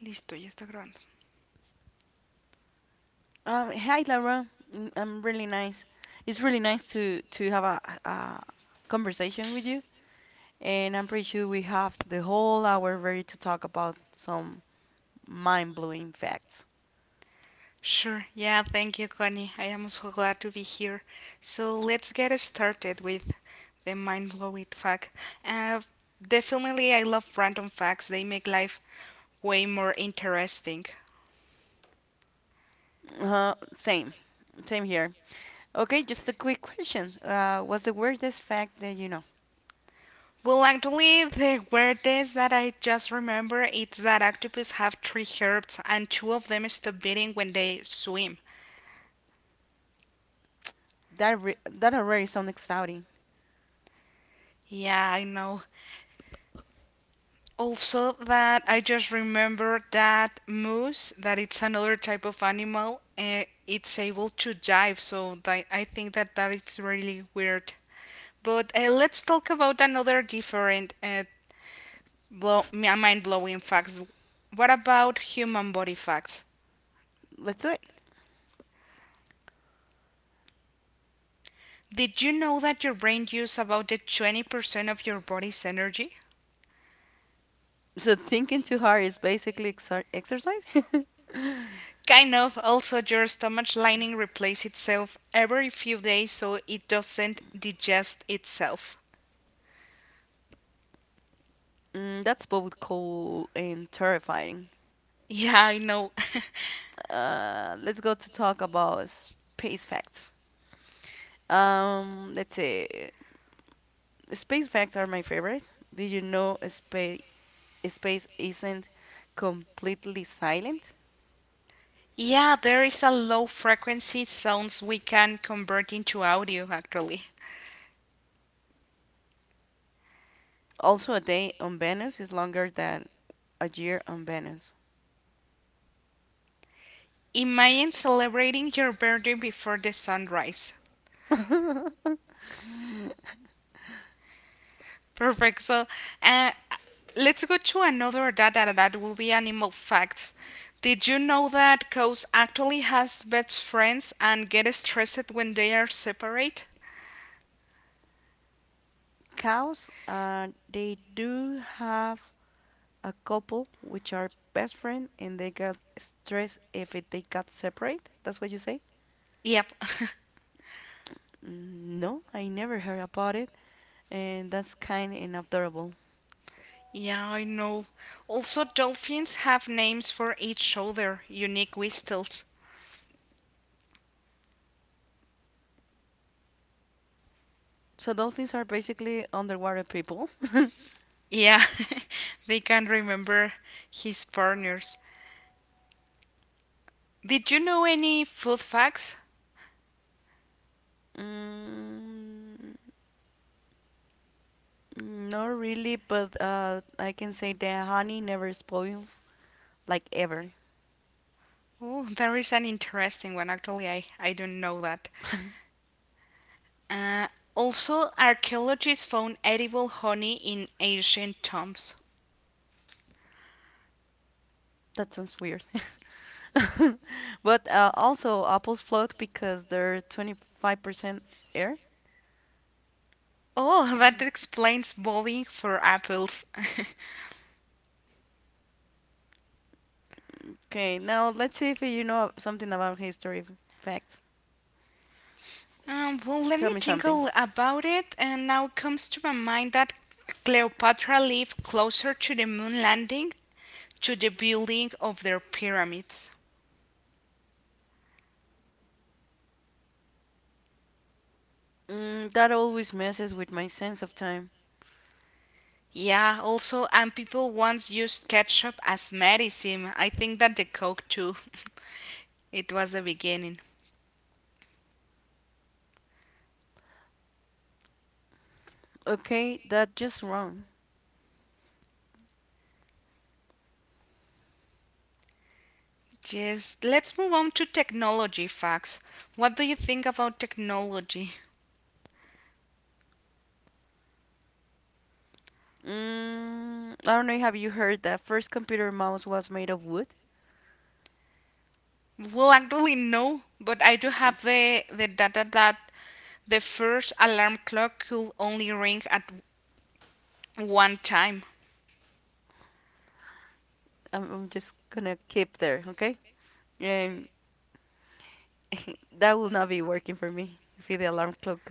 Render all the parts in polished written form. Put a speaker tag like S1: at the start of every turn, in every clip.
S1: Listo, ya está grabando.
S2: Hi, Laura. I'm really nice. It's really nice to have a conversation with you, and I'm pretty sure we have the whole hour ready to talk about some mind-blowing facts.
S1: Sure, yeah, thank you, Connie. I am so glad to be here. So let's get started with the mind blowing fact. Uh, definitely, I love random facts, they make life way more interesting.
S2: Uh, same, Same here. Okay, just a quick question. What's the weirdest fact that you know?
S1: Well, actually, the weirdest that I just remember is that octopus have three hearts and two of them stop beating when they swim.
S2: That already sounds exciting.
S1: Yeah, I know. Also, that I just remember that moose, that it's another type of animal, it's able to dive, so that, I think that that is really weird. But let's talk about another different mind blowing facts. What about human body facts?
S2: Let's do it.
S1: Did you know that your brain uses about the 20% of your body's energy?
S2: So thinking too hard is basically exercise.
S1: Kind of. Also, your stomach lining replaces itself every few days so it doesn't digest itself.
S2: Mm, that's both cool and terrifying.
S1: Yeah, I know.
S2: Let's go to talk about space facts. Let's see. Space facts are my favorite. Did you know space isn't completely silent?
S1: Yeah, there is a low frequency sounds we can convert into audio actually.
S2: Also, a day on Venus is longer than a year on Venus.
S1: Imagine celebrating your birthday before the sunrise. Perfect. So, uh, let's go to another data that will be animal facts. Did you know that cows actually has best friends and get stressed when they are separate?
S2: Cows, they do have a couple which are best friend and they got stressed if they got separate. That's what you say?
S1: Yep.
S2: Mm, no, I never heard about it. And that's kind and adorable.
S1: Yeah, I know. Also, dolphins have names for each other, unique whistles.
S2: So dolphins are basically underwater people.
S1: Yeah, they can remember his partners. Did you know any food facts?
S2: Mm, not really, but I can say the honey never spoils, like ever.
S1: Oh, there is an interesting one. Actually, I don't know that. Uh, also, archaeologists found edible honey in ancient tombs.
S2: That sounds weird. But also, apples float because they're 25% air.
S1: Oh, that explains bobbing for apples.
S2: Okay, now let's see if you know something about history facts.
S1: Well, let
S2: Tell
S1: me
S2: me
S1: think
S2: something.
S1: about it. And now comes to my mind that Cleopatra lived closer to the moon landing to the building of their pyramids.
S2: Mm, that always messes with my sense of time.
S1: Yeah, also, and people once used ketchup as medicine. I think that the Coke too. It was the beginning.
S2: Okay, that's just wrong.
S1: Yes, let's move on to technology facts. What do you think about technology?
S2: Mm, I don't know. Have you heard that first computer mouse was made of wood?
S1: Well, actually, no, but I do have the data that the first alarm clock could only ring at one time.
S2: I'm just gonna keep there, okay? Um, that will not be working for me. If the alarm clock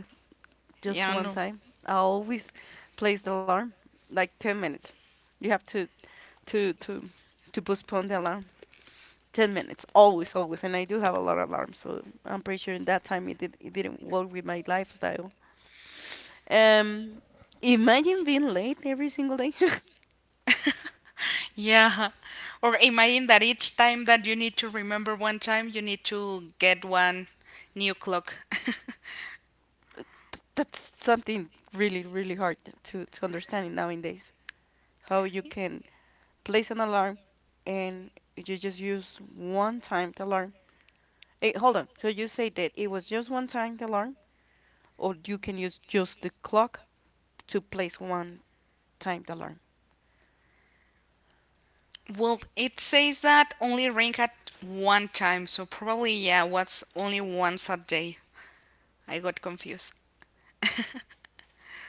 S2: just
S1: Yeah,
S2: one
S1: no.
S2: time, I always place the alarm like 10 minutes. You have to to to postpone the alarm 10 minutes, always, always. And I do have a lot of alarms, so I'm pretty sure in that time it didn't work with my lifestyle. Um, Imagine being late every single day.
S1: Yeah. Or imagine that each time that you need to remember one time, you need to get one new clock.
S2: That's something really, really hard to understand nowadays. How you can place an alarm and you just use one time the alarm. Hey, hold on. So you say that it was just one time the alarm, or you can use just the clock to place one time the alarm.
S1: Well, it says that only rank at one time, so probably, yeah, what's only once a day. I got confused.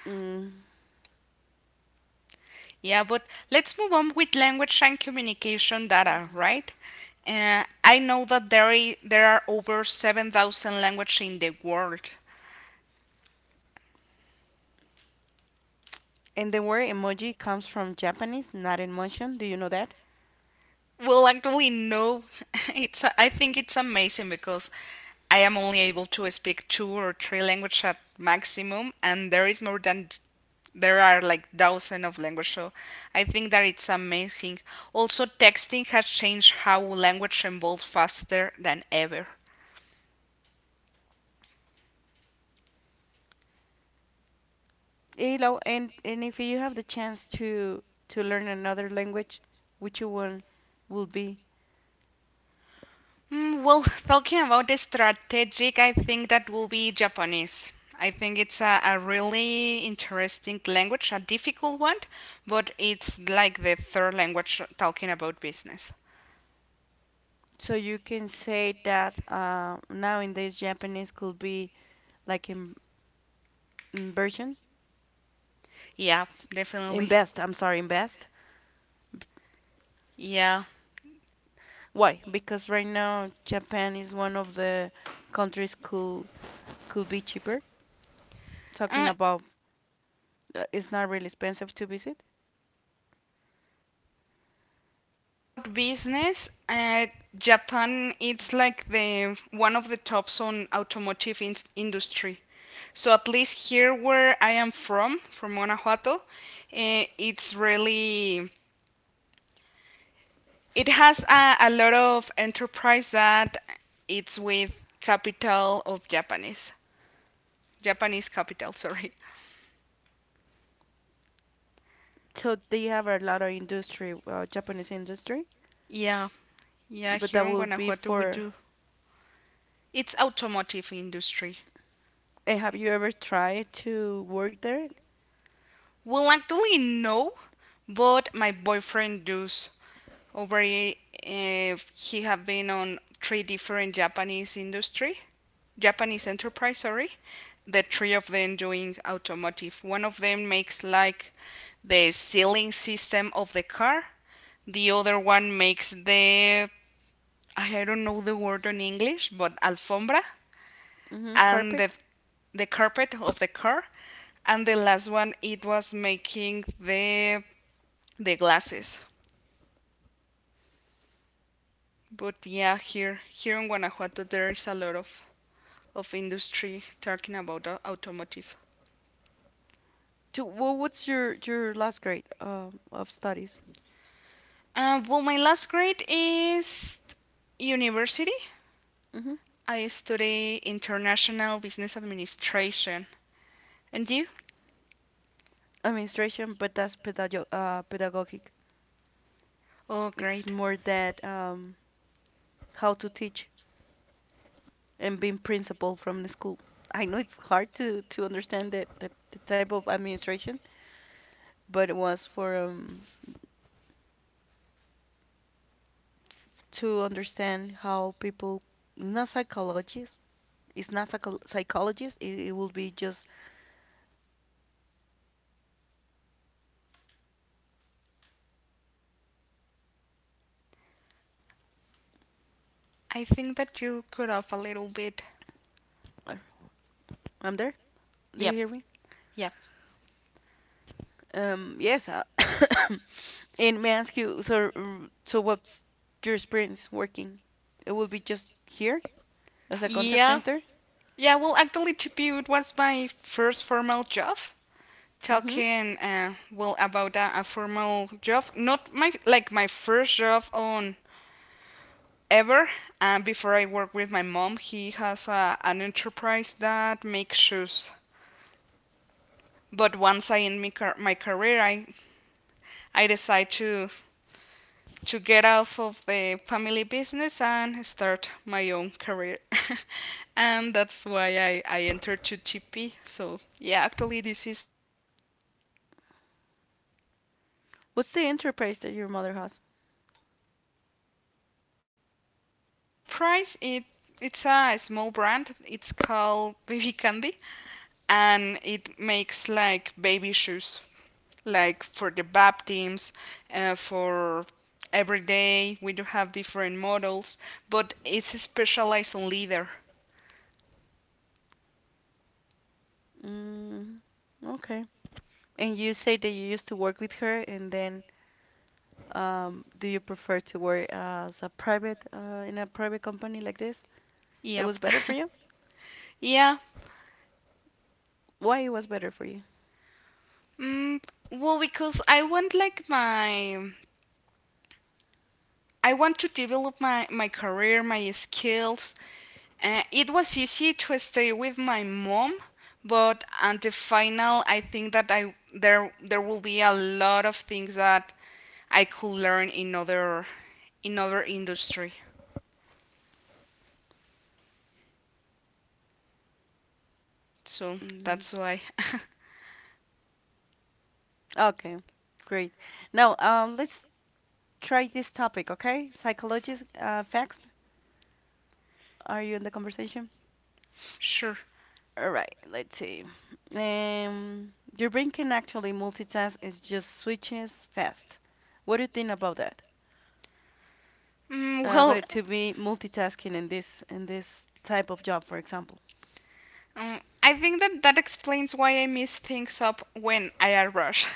S2: Mm.
S1: Yeah, but let's move on with language and communication data, right? I know that there are over 7,000 languages in the world.
S2: And the word emoji comes from Japanese, not emotion. Do you know that?
S1: Well, actually, no. It's I think it's amazing because I am only able to speak two or three languages at maximum, and there is more than there are like thousands of languages. So I think that it's amazing. Also, texting has changed how language evolves faster than ever.
S2: Hello, and if you have the chance to learn another language, which one will be.
S1: Well, talking about the strategic, I think that will be Japanese. I think it's a really interesting language, a difficult one, but it's like the third language talking about business.
S2: So you can say that nowadays Japanese could be like in inversion,
S1: Yeah,
S2: s-
S1: definitely.
S2: invest. I'm sorry, invest.
S1: Yeah.
S2: Why? Because right now Japan is one of the countries could be cheaper. Talking
S1: Uh,
S2: about it's
S1: yeah,
S2: not really
S1: well,
S2: expensive to visit.
S1: could be, but talking about business, Japan it's like the one of the tops on automotive industry. So at least here where I am from Guanajuato, eh, it's really it has a lot of enterprise that it's with capital of Japanese capital. Sorry.
S2: So they have a lot of industry, Japanese industry,
S1: Yeah, yeah.
S2: but
S1: Here
S2: that
S1: in
S2: will be
S1: Guanajuato we
S2: for.
S1: do. It's automotive industry.
S2: And have you ever tried to work there?
S1: Well, actually, no, but my boyfriend does already. If he have been on three different Japanese industry, Japanese enterprise, sorry, the three of them doing automotive. One of them makes like the sealing system of the car. The other one makes the I don't know the word in English, but alfombra
S2: Hmm.
S1: and the
S2: Carpet.
S1: the carpet of the car and the last one it was making the glasses.
S2: Okay.
S1: But yeah, here in Guanajuato there is a lot of industry talking about automotive.
S2: What's your last grade of studies?
S1: Well, my last grade is university.
S2: Hmm.
S1: I study international business administration. And you?
S2: Administration, but that's pedagogic.
S1: Oh,
S2: It's
S1: great.
S2: more that how to teach and being principal from the school. I know it's hard to understand that the type of administration, but it was for to understand how people. Not psychologist. It's not psychologist. It will be just how you can treat special students and how you can teach different ways to understand.
S1: I think that you could off a little bit.
S2: Uh, I'm there. Do you
S1: Yep.
S2: hear me?
S1: Yep.
S2: Yes. And may I ask you, so, what's your experience working? It will be just here as a contact
S1: Yeah.
S2: center?
S1: Yeah. Well, actually, TPU it was my first formal job.
S2: Mm-hmm.
S1: Talking well about a formal job not my like my first job on ever. And before I work with my mom he has an enterprise that makes shoes, but once I end my career I decide to get off of the family business and start my own career, and that's why I entered to TP, so yeah, actually this is like my first job ever.
S2: What's the enterprise that your mother has?
S1: Well, it's a baby enterprise. It's a small brand. It's called Baby Candy, and it makes like baby shoes, like for the baptisms, for every day. We do have different models, but it's specialized on leather.
S2: Mm, okay. And you say that you used to work with her, and then do you prefer to work as a private in a private company like this? It was
S1: Yep.
S2: better for you?
S1: Yeah.
S2: Why it was better for you?
S1: Mm, well, because I want like my I want to develop my career, my skills. It was easy to stay with my mom, but at the final, I think that I there there will be a lot of things that I could learn in other industry. So
S2: Mm,
S1: that's why.
S2: okay, great. Now let's try this topic, okay? Psychologist facts. Are you in the conversation?
S1: Sure.
S2: All right, let's see. Um, your brain can actually multitask. It just switches fast. What do you think about that?
S1: Mm, well,
S2: But to be multitasking in this type of job, for example.
S1: um, I think that that explains why I mess things up when I rush.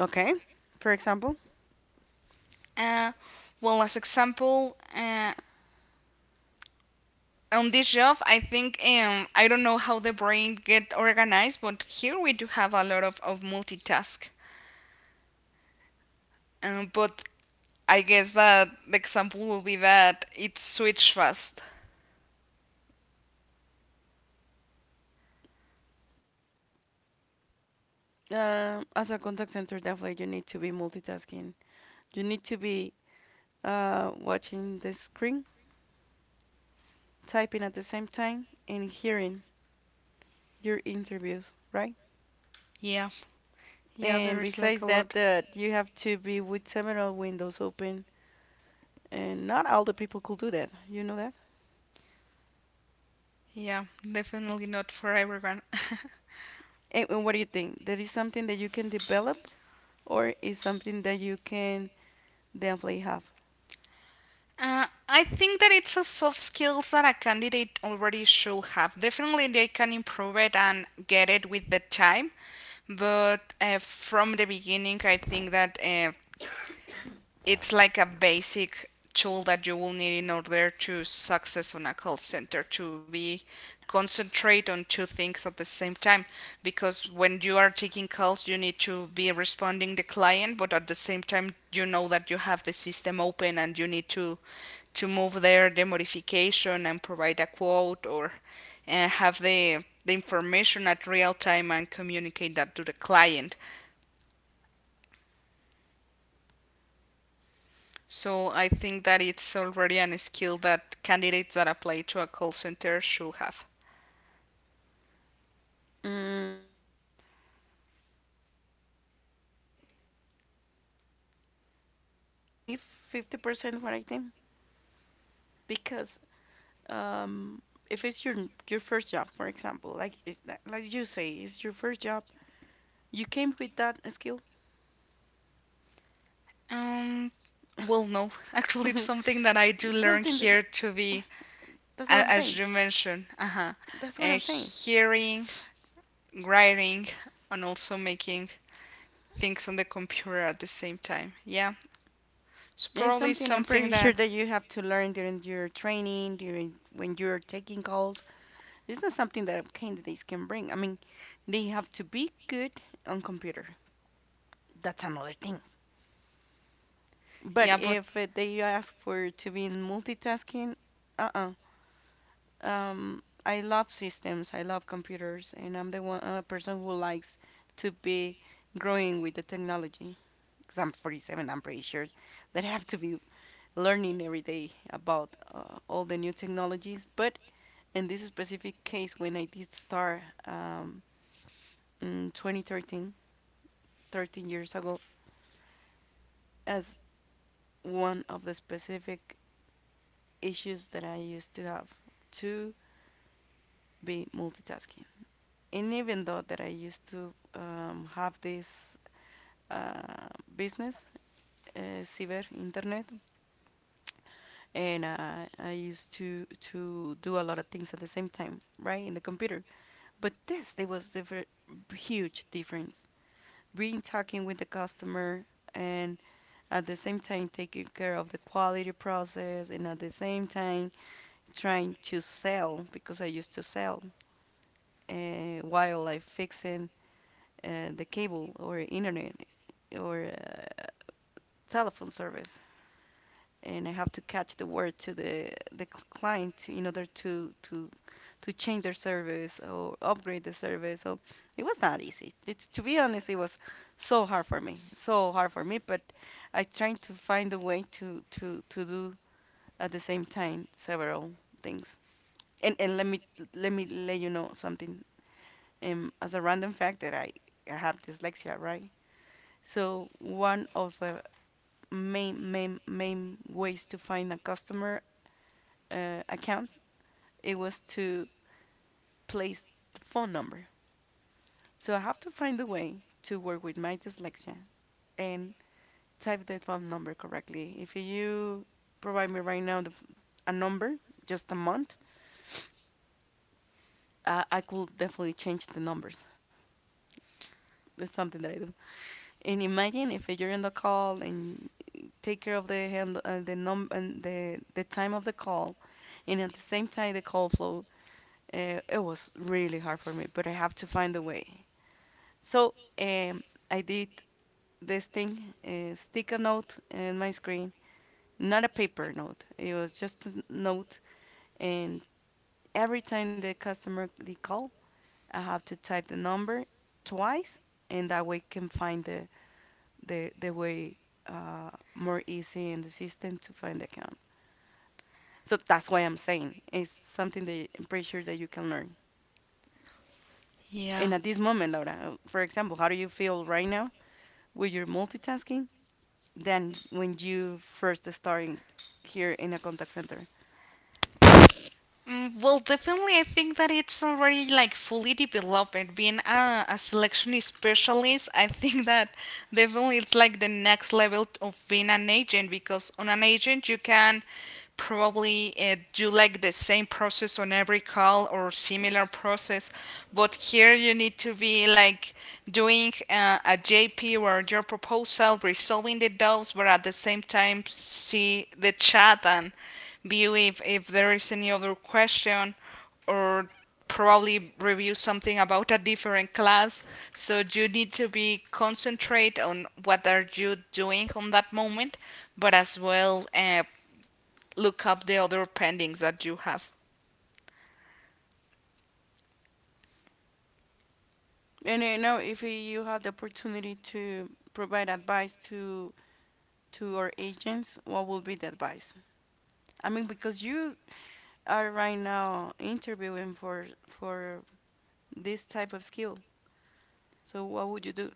S2: Okay. For example,
S1: uh, well, as example, on this job I think I don't know how the brain get organized but here we do have a lot of multitask, but I guess that the example will be that it switch fast.
S2: as a contact center, definitely you need to be multitasking. You need to be watching the screen, typing at the same time, and hearing your interviews, right?
S1: Yeah, yeah, there
S2: And
S1: is like
S2: besides
S1: a
S2: that,
S1: lot.
S2: that you have to be with several windows open, and not all the people could do that. You know that?
S1: Yeah, definitely not for everyone.
S2: And what do you think? That is something that you can develop, or is something that you can definitely have?
S1: I think that it's a soft skills that a candidate already should have, definitely they can improve it and get it with the time, but from the beginning I think that it's like a basic tool that you will need in order to success on a call center to be concentrate on two things at the same time, because when you are taking calls you need to be responding the client but at the same time you know that you have the system open and you need to move there the modification and provide a quote or have the information at real time and communicate that to the client. So I think that it's already an skill that candidates that apply to a call center should have.
S2: Mm, I'm not really. I mean, it could be 50% what I think because um, if it's your first job, for example, like it's, not- like you say, it's your first job. You came with that skill.
S1: Um, well, no. Actually, it's something that I do
S2: This is
S1: learn
S2: something that
S1: here to
S2: eh,
S1: be,
S2: that's what I'm
S1: as
S2: saying.
S1: you mentioned, uh-huh,
S2: That's what I'm saying.
S1: hearing, writing, and also making things on the computer at the same time. Yeah. So
S2: It's
S1: probably
S2: something I'm
S1: something
S2: pretty sure
S1: that,
S2: that you have to learn during your training, during when you're taking calls. It's not something that candidates can bring. I mean, they have to be good on computer. That's another thing. But
S1: yeah, but
S2: if they ask for to be in multitasking, uh-uh. I love systems. I love computers, and I'm the one person who likes to be growing with the technology. Because I'm 47, I'm pretty sure that I have to be learning every day about all the new technologies. But in this specific case, when I did start in 2013, 13 thirteen years ago, as one of the specific issues that I used to have to be multitasking. And even though that I used to have this uh, business, cyber internet, and I used to do a lot of things at the same time, right, in the computer. But this, there was differ huge difference. Being talking with the customer and at the same time taking care of the quality process and at the same time trying to sell because I used to sell while I fixing the cable or internet or telephone service and I have to catch the word to the client in order to change their service or upgrade the service. So it was not easy. It's to be honest, it was so hard for me, so hard for me. But I tried to find a way to do at the same time several things. And let me let you know something. As a random fact that I have dyslexia, right? So one of the main ways to find a customer account it was to place the phone number. So I have to find a way to work with my dyslexia and type the phone number correctly. If you provide me right now a number, just a month, I could definitely change the numbers. It's something that I do. And imagine if you're in the call and take care of the hand, the num and the time of the call, and at the same time the call flow. It was really hard for me, but I have to find a way. So I did this thing, stick a note in my screen. Not a paper note. It was just a note, and every time the customer they call, I have to type the number twice, and that way can find the way uh, more easy in the system to find the account. So that's why I'm saying it's something that I'm pretty sure that you can learn.
S1: yeah.
S2: And at this moment, Laura, for example, how do you feel right now with your multitasking than when you first starting here in a contact center?
S1: Well, definitely, I think that it's already like fully developed. Being a selection specialist, I think that definitely it's like the next level of being an agent because on an agent, you can probably do like the same process on every call or similar process, but here you need to be like doing a JP or your proposal, resolving the doubts, but at the same time, see the chat and view if there is any other question or probably review something about a different class, so you need to be concentrate on what are you doing on that moment but as well look up the other pendings that you have.
S2: And I know if you had the opportunity to provide advice to our agents, what would be the advice? I mean, because you are right now interviewing for this type of skill. So what would you do?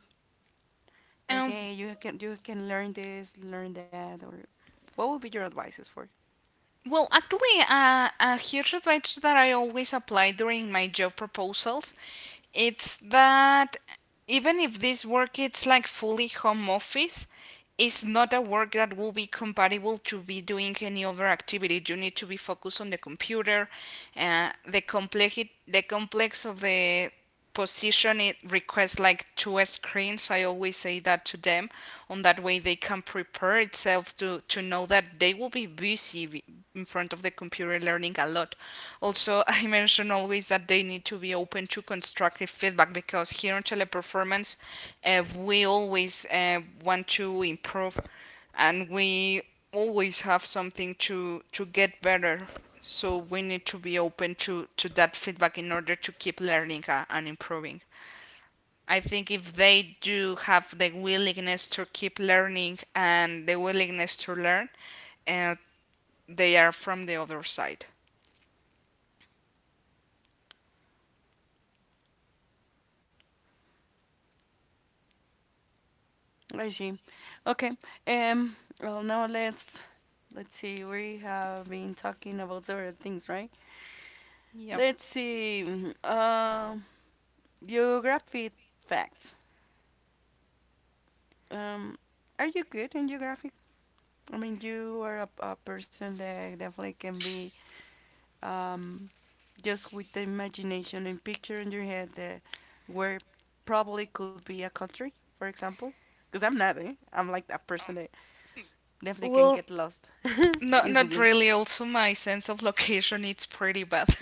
S2: Like,
S1: um,
S2: hey, you can learn this, learn that, or what would be your advices for?
S1: Well, actually, a huge advice that I always apply during my job proposals, it's that even if this work it's like fully home office, it's not a work that will be compatible to be doing any other activity. You need to be focused on the computer. The complex of the position it requests like two screens, I always say that to them on that way they can prepare itself to know that they will be busy see in front of the computer learning a lot. Also, I mention always that they need to be open to constructive feedback because here on Teleperformance, we always want to improve and we always have something to get better. So we need to be open to that feedback in order to keep learning and improving. I think if they do have the willingness to keep learning and the willingness to learn, uh, they are from the other side.
S2: I see. Okay. Um. Well, now let's see. We have been talking about several things, right?
S1: Yep.
S2: Let's see. Geography facts. Um, are you good in geography? I mean, you are a person that definitely can be um, just with the imagination and picture in your head that where probably could be a country, for example. Because I'm not, eh? I'm like that person that definitely can
S1: Well,
S2: get lost
S1: not
S2: easily.
S1: really. Also, my sense of location it's pretty bad.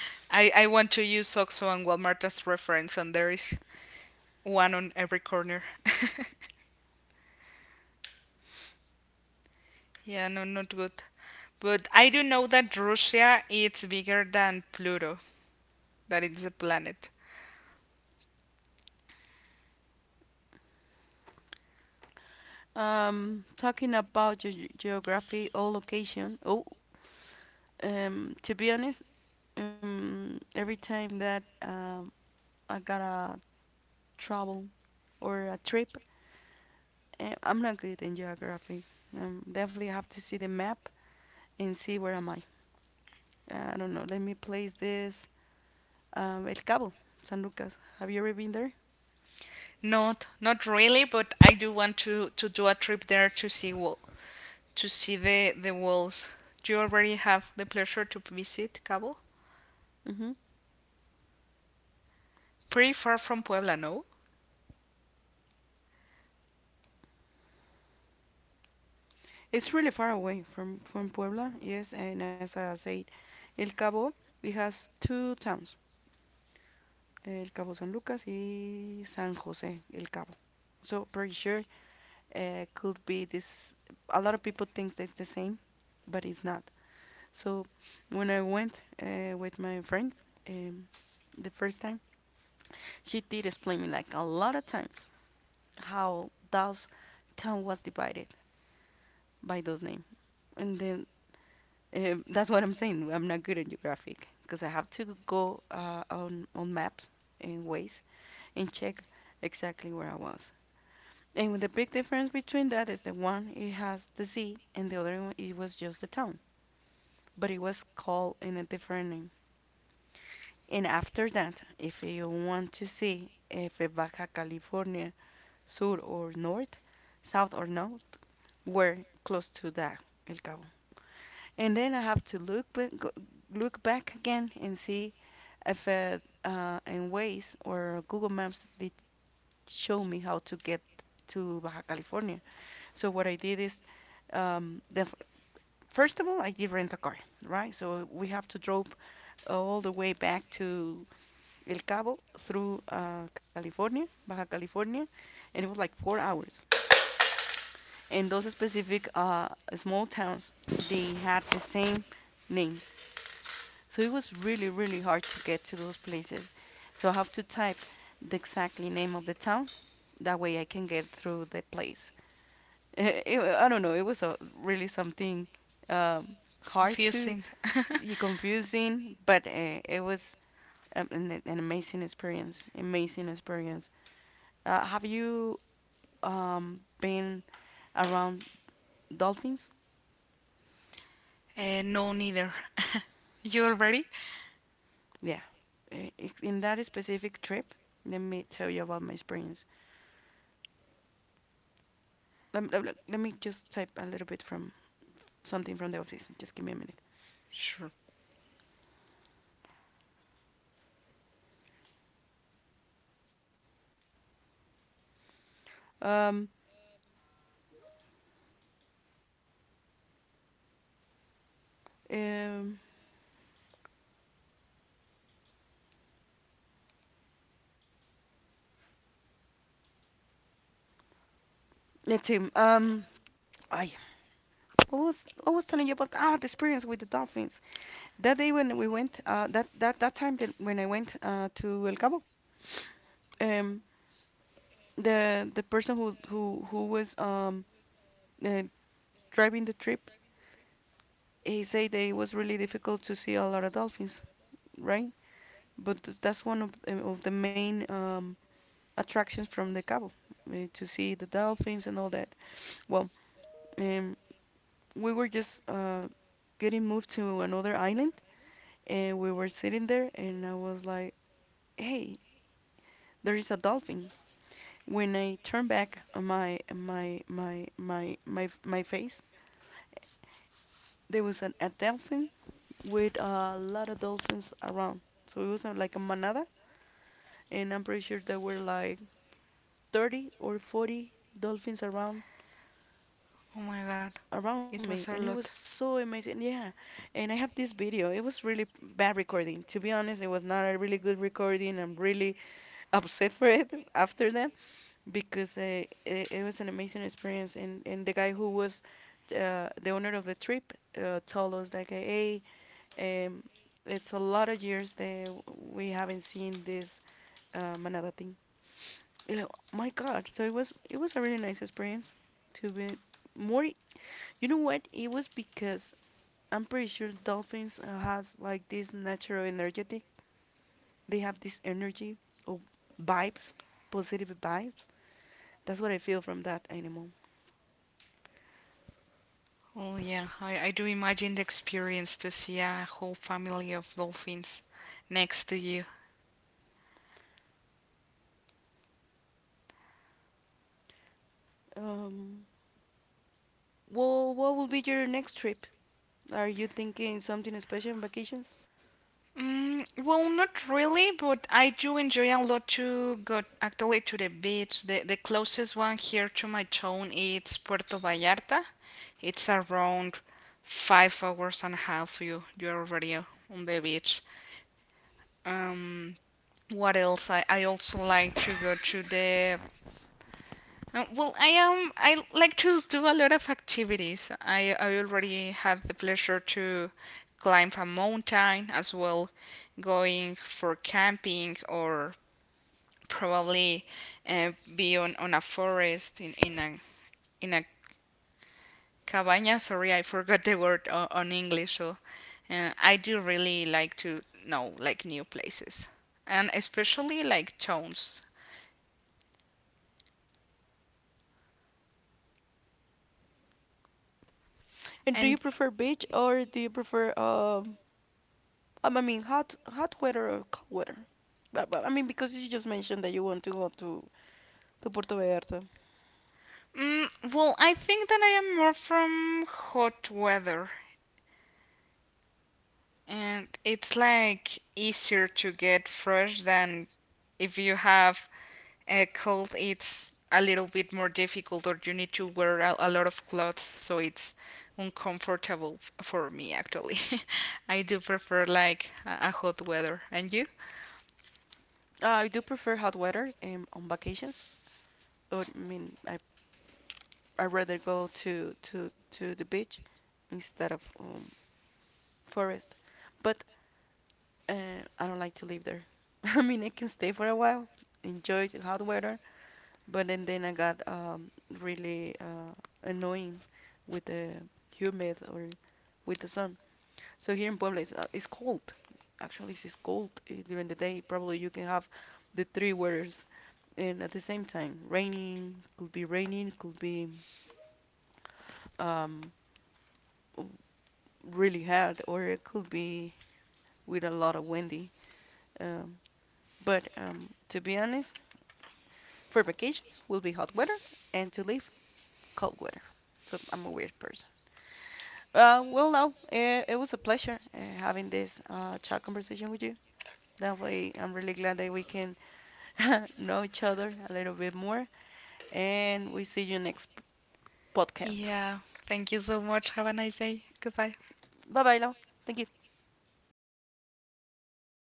S1: I want to use Oxo and Walmart as reference, and there is one on every corner. Yeah, no, not good. But I do know that Russia it's bigger than Pluto. That it's a planet.
S2: Talking about ge geography or location. Oh, to be honest, every time that I gotta travel or a trip. I'm not good in geography. Definitely have to see the map and see where am I. I don't know. Let me place this. El Cabo, San Lucas. Have you ever been there?
S1: Not really, but I do want to do a trip there to see the walls. Do you already have the pleasure to visit Cabo?
S2: Hmm.
S1: Pretty far from Puebla, no?
S2: It's really far away from Puebla. Yes, and as I said, El Cabo it has two towns, El Cabo San Lucas y San José El Cabo. So pretty sure could be this. A lot of people thinks that it's the same, but it's not. So when I went with my friends um, the first time, she did explain me like a lot of times how those town was divided by those names. And then that's what I'm saying. I'm not good at geographic because I have to go on maps and ways and check exactly where I was. And with the big difference between that is the one it has the sea and the other one it was just the town, but it was called in a different name. And after that, if you want to see if Baja California, Sur or North, South or North, we're close to that, El Cabo. And then I have to look back again and see if in Waze or Google Maps they show me how to get to Baja California. So what I did is, um, the f- first of all, I did rent a car, right? So we have to drove all the way back to El Cabo through California, Baja California, and it was like 4 hours. And those specific small towns, they had the same names. So it was really, really hard to get to those places. So I have to type the exactly name of the town. That way I can get through the place. It I don't know. It was a, really something um, hard to,
S1: Confusing.
S2: confusing, but it was an amazing experience. Amazing experience. Have you been around dolphins.
S1: No, neither. You already?
S2: Yeah. In that specific trip, let me tell you about my experience. Let me just type a little bit from something from the office. Just give me a minute.
S1: Sure.
S2: Um, um, let's see. I, I was telling you about the experience with the dolphins that day when we went that that that time that when I went to El Cabo um the person who was uh, driving the trip. He said that it was really difficult to see a lot of dolphins, right? But that's one of, the main attractions from the Cabo, to see the dolphins and all that. Well, um, we were just getting moved to another island, and we were sitting there, and I was like, "Hey, there is a dolphin." When I turned back my face, there was a dolphin with a lot of dolphins around. So it was like a manada, and I'm pretty sure there were like 30 or 40 dolphins around
S1: Oh my god, it
S2: around
S1: was
S2: me,
S1: a
S2: and it
S1: lot.
S2: was so amazing. Yeah, and I have this video. It was really bad recording, to be honest. It was not a really good recording. I'm really upset for it after that because it was an amazing experience, and the guy who was the owner of the trip told us like, "Hey, um, it's a lot of years that we haven't seen this manada thing, you know, my God." So it was a really nice experience to be more. You know what? It was because I'm pretty sure dolphins has like this natural energetic. They have this energy or vibes, positive vibes. That's what I feel from that animal.
S1: Oh yeah, I do imagine the experience to see a whole family of dolphins next to you.
S2: Um, well, what will be your next trip? Are you thinking something special on vacations?
S1: Well, not really, but I do enjoy a lot to go actually to the beach. The closest one here to my town is Puerto Vallarta. It's around 5 hours and a half. You're already on the beach. Um, what else? I also like to go to the well, I am. I like to do a lot of activities. I already had the pleasure to climb a mountain as well, going for camping or probably be on a forest in a cabaña. Sorry, I forgot the word on English. So I do really like to know like new places and especially like towns.
S2: And do you
S1: And
S2: prefer beach or do you prefer I mean, hot hot weather or cold weather? I mean, because you just mentioned that you want to go to Puerto Vallarta.
S1: Mm, well, I think that I am more from hot weather, and it's like easier to get fresh than if you have a cold. It's a little bit more difficult, or you need to wear a lot of clothes, so it's uncomfortable for me actually. I do prefer like a hot weather. And you?
S2: I do prefer hot weather on vacations. But, I mean, I rather go to to the beach instead of forest. But I don't like to live there. I mean, I can stay for a while, enjoy the hot weather, but then I got really annoying with the humid or with the sun. So here in Puebla, it's cold. Actually, it's cold during the day. Probably you can have the three weathers, and at the same time raining. Could be raining could be um, really hot, or it could be with a lot of windy. Um, but to be honest, for vacations will be hot weather and to leave cold weather. So I'm a weird person. Well, no, it, it was a pleasure having this chat conversation with you. That way, I'm really glad that we can know each other a little bit more, and we see you next podcast.
S1: Yeah. Thank you so much. Have a nice day. Goodbye.
S2: Bye bye, love. Thank you.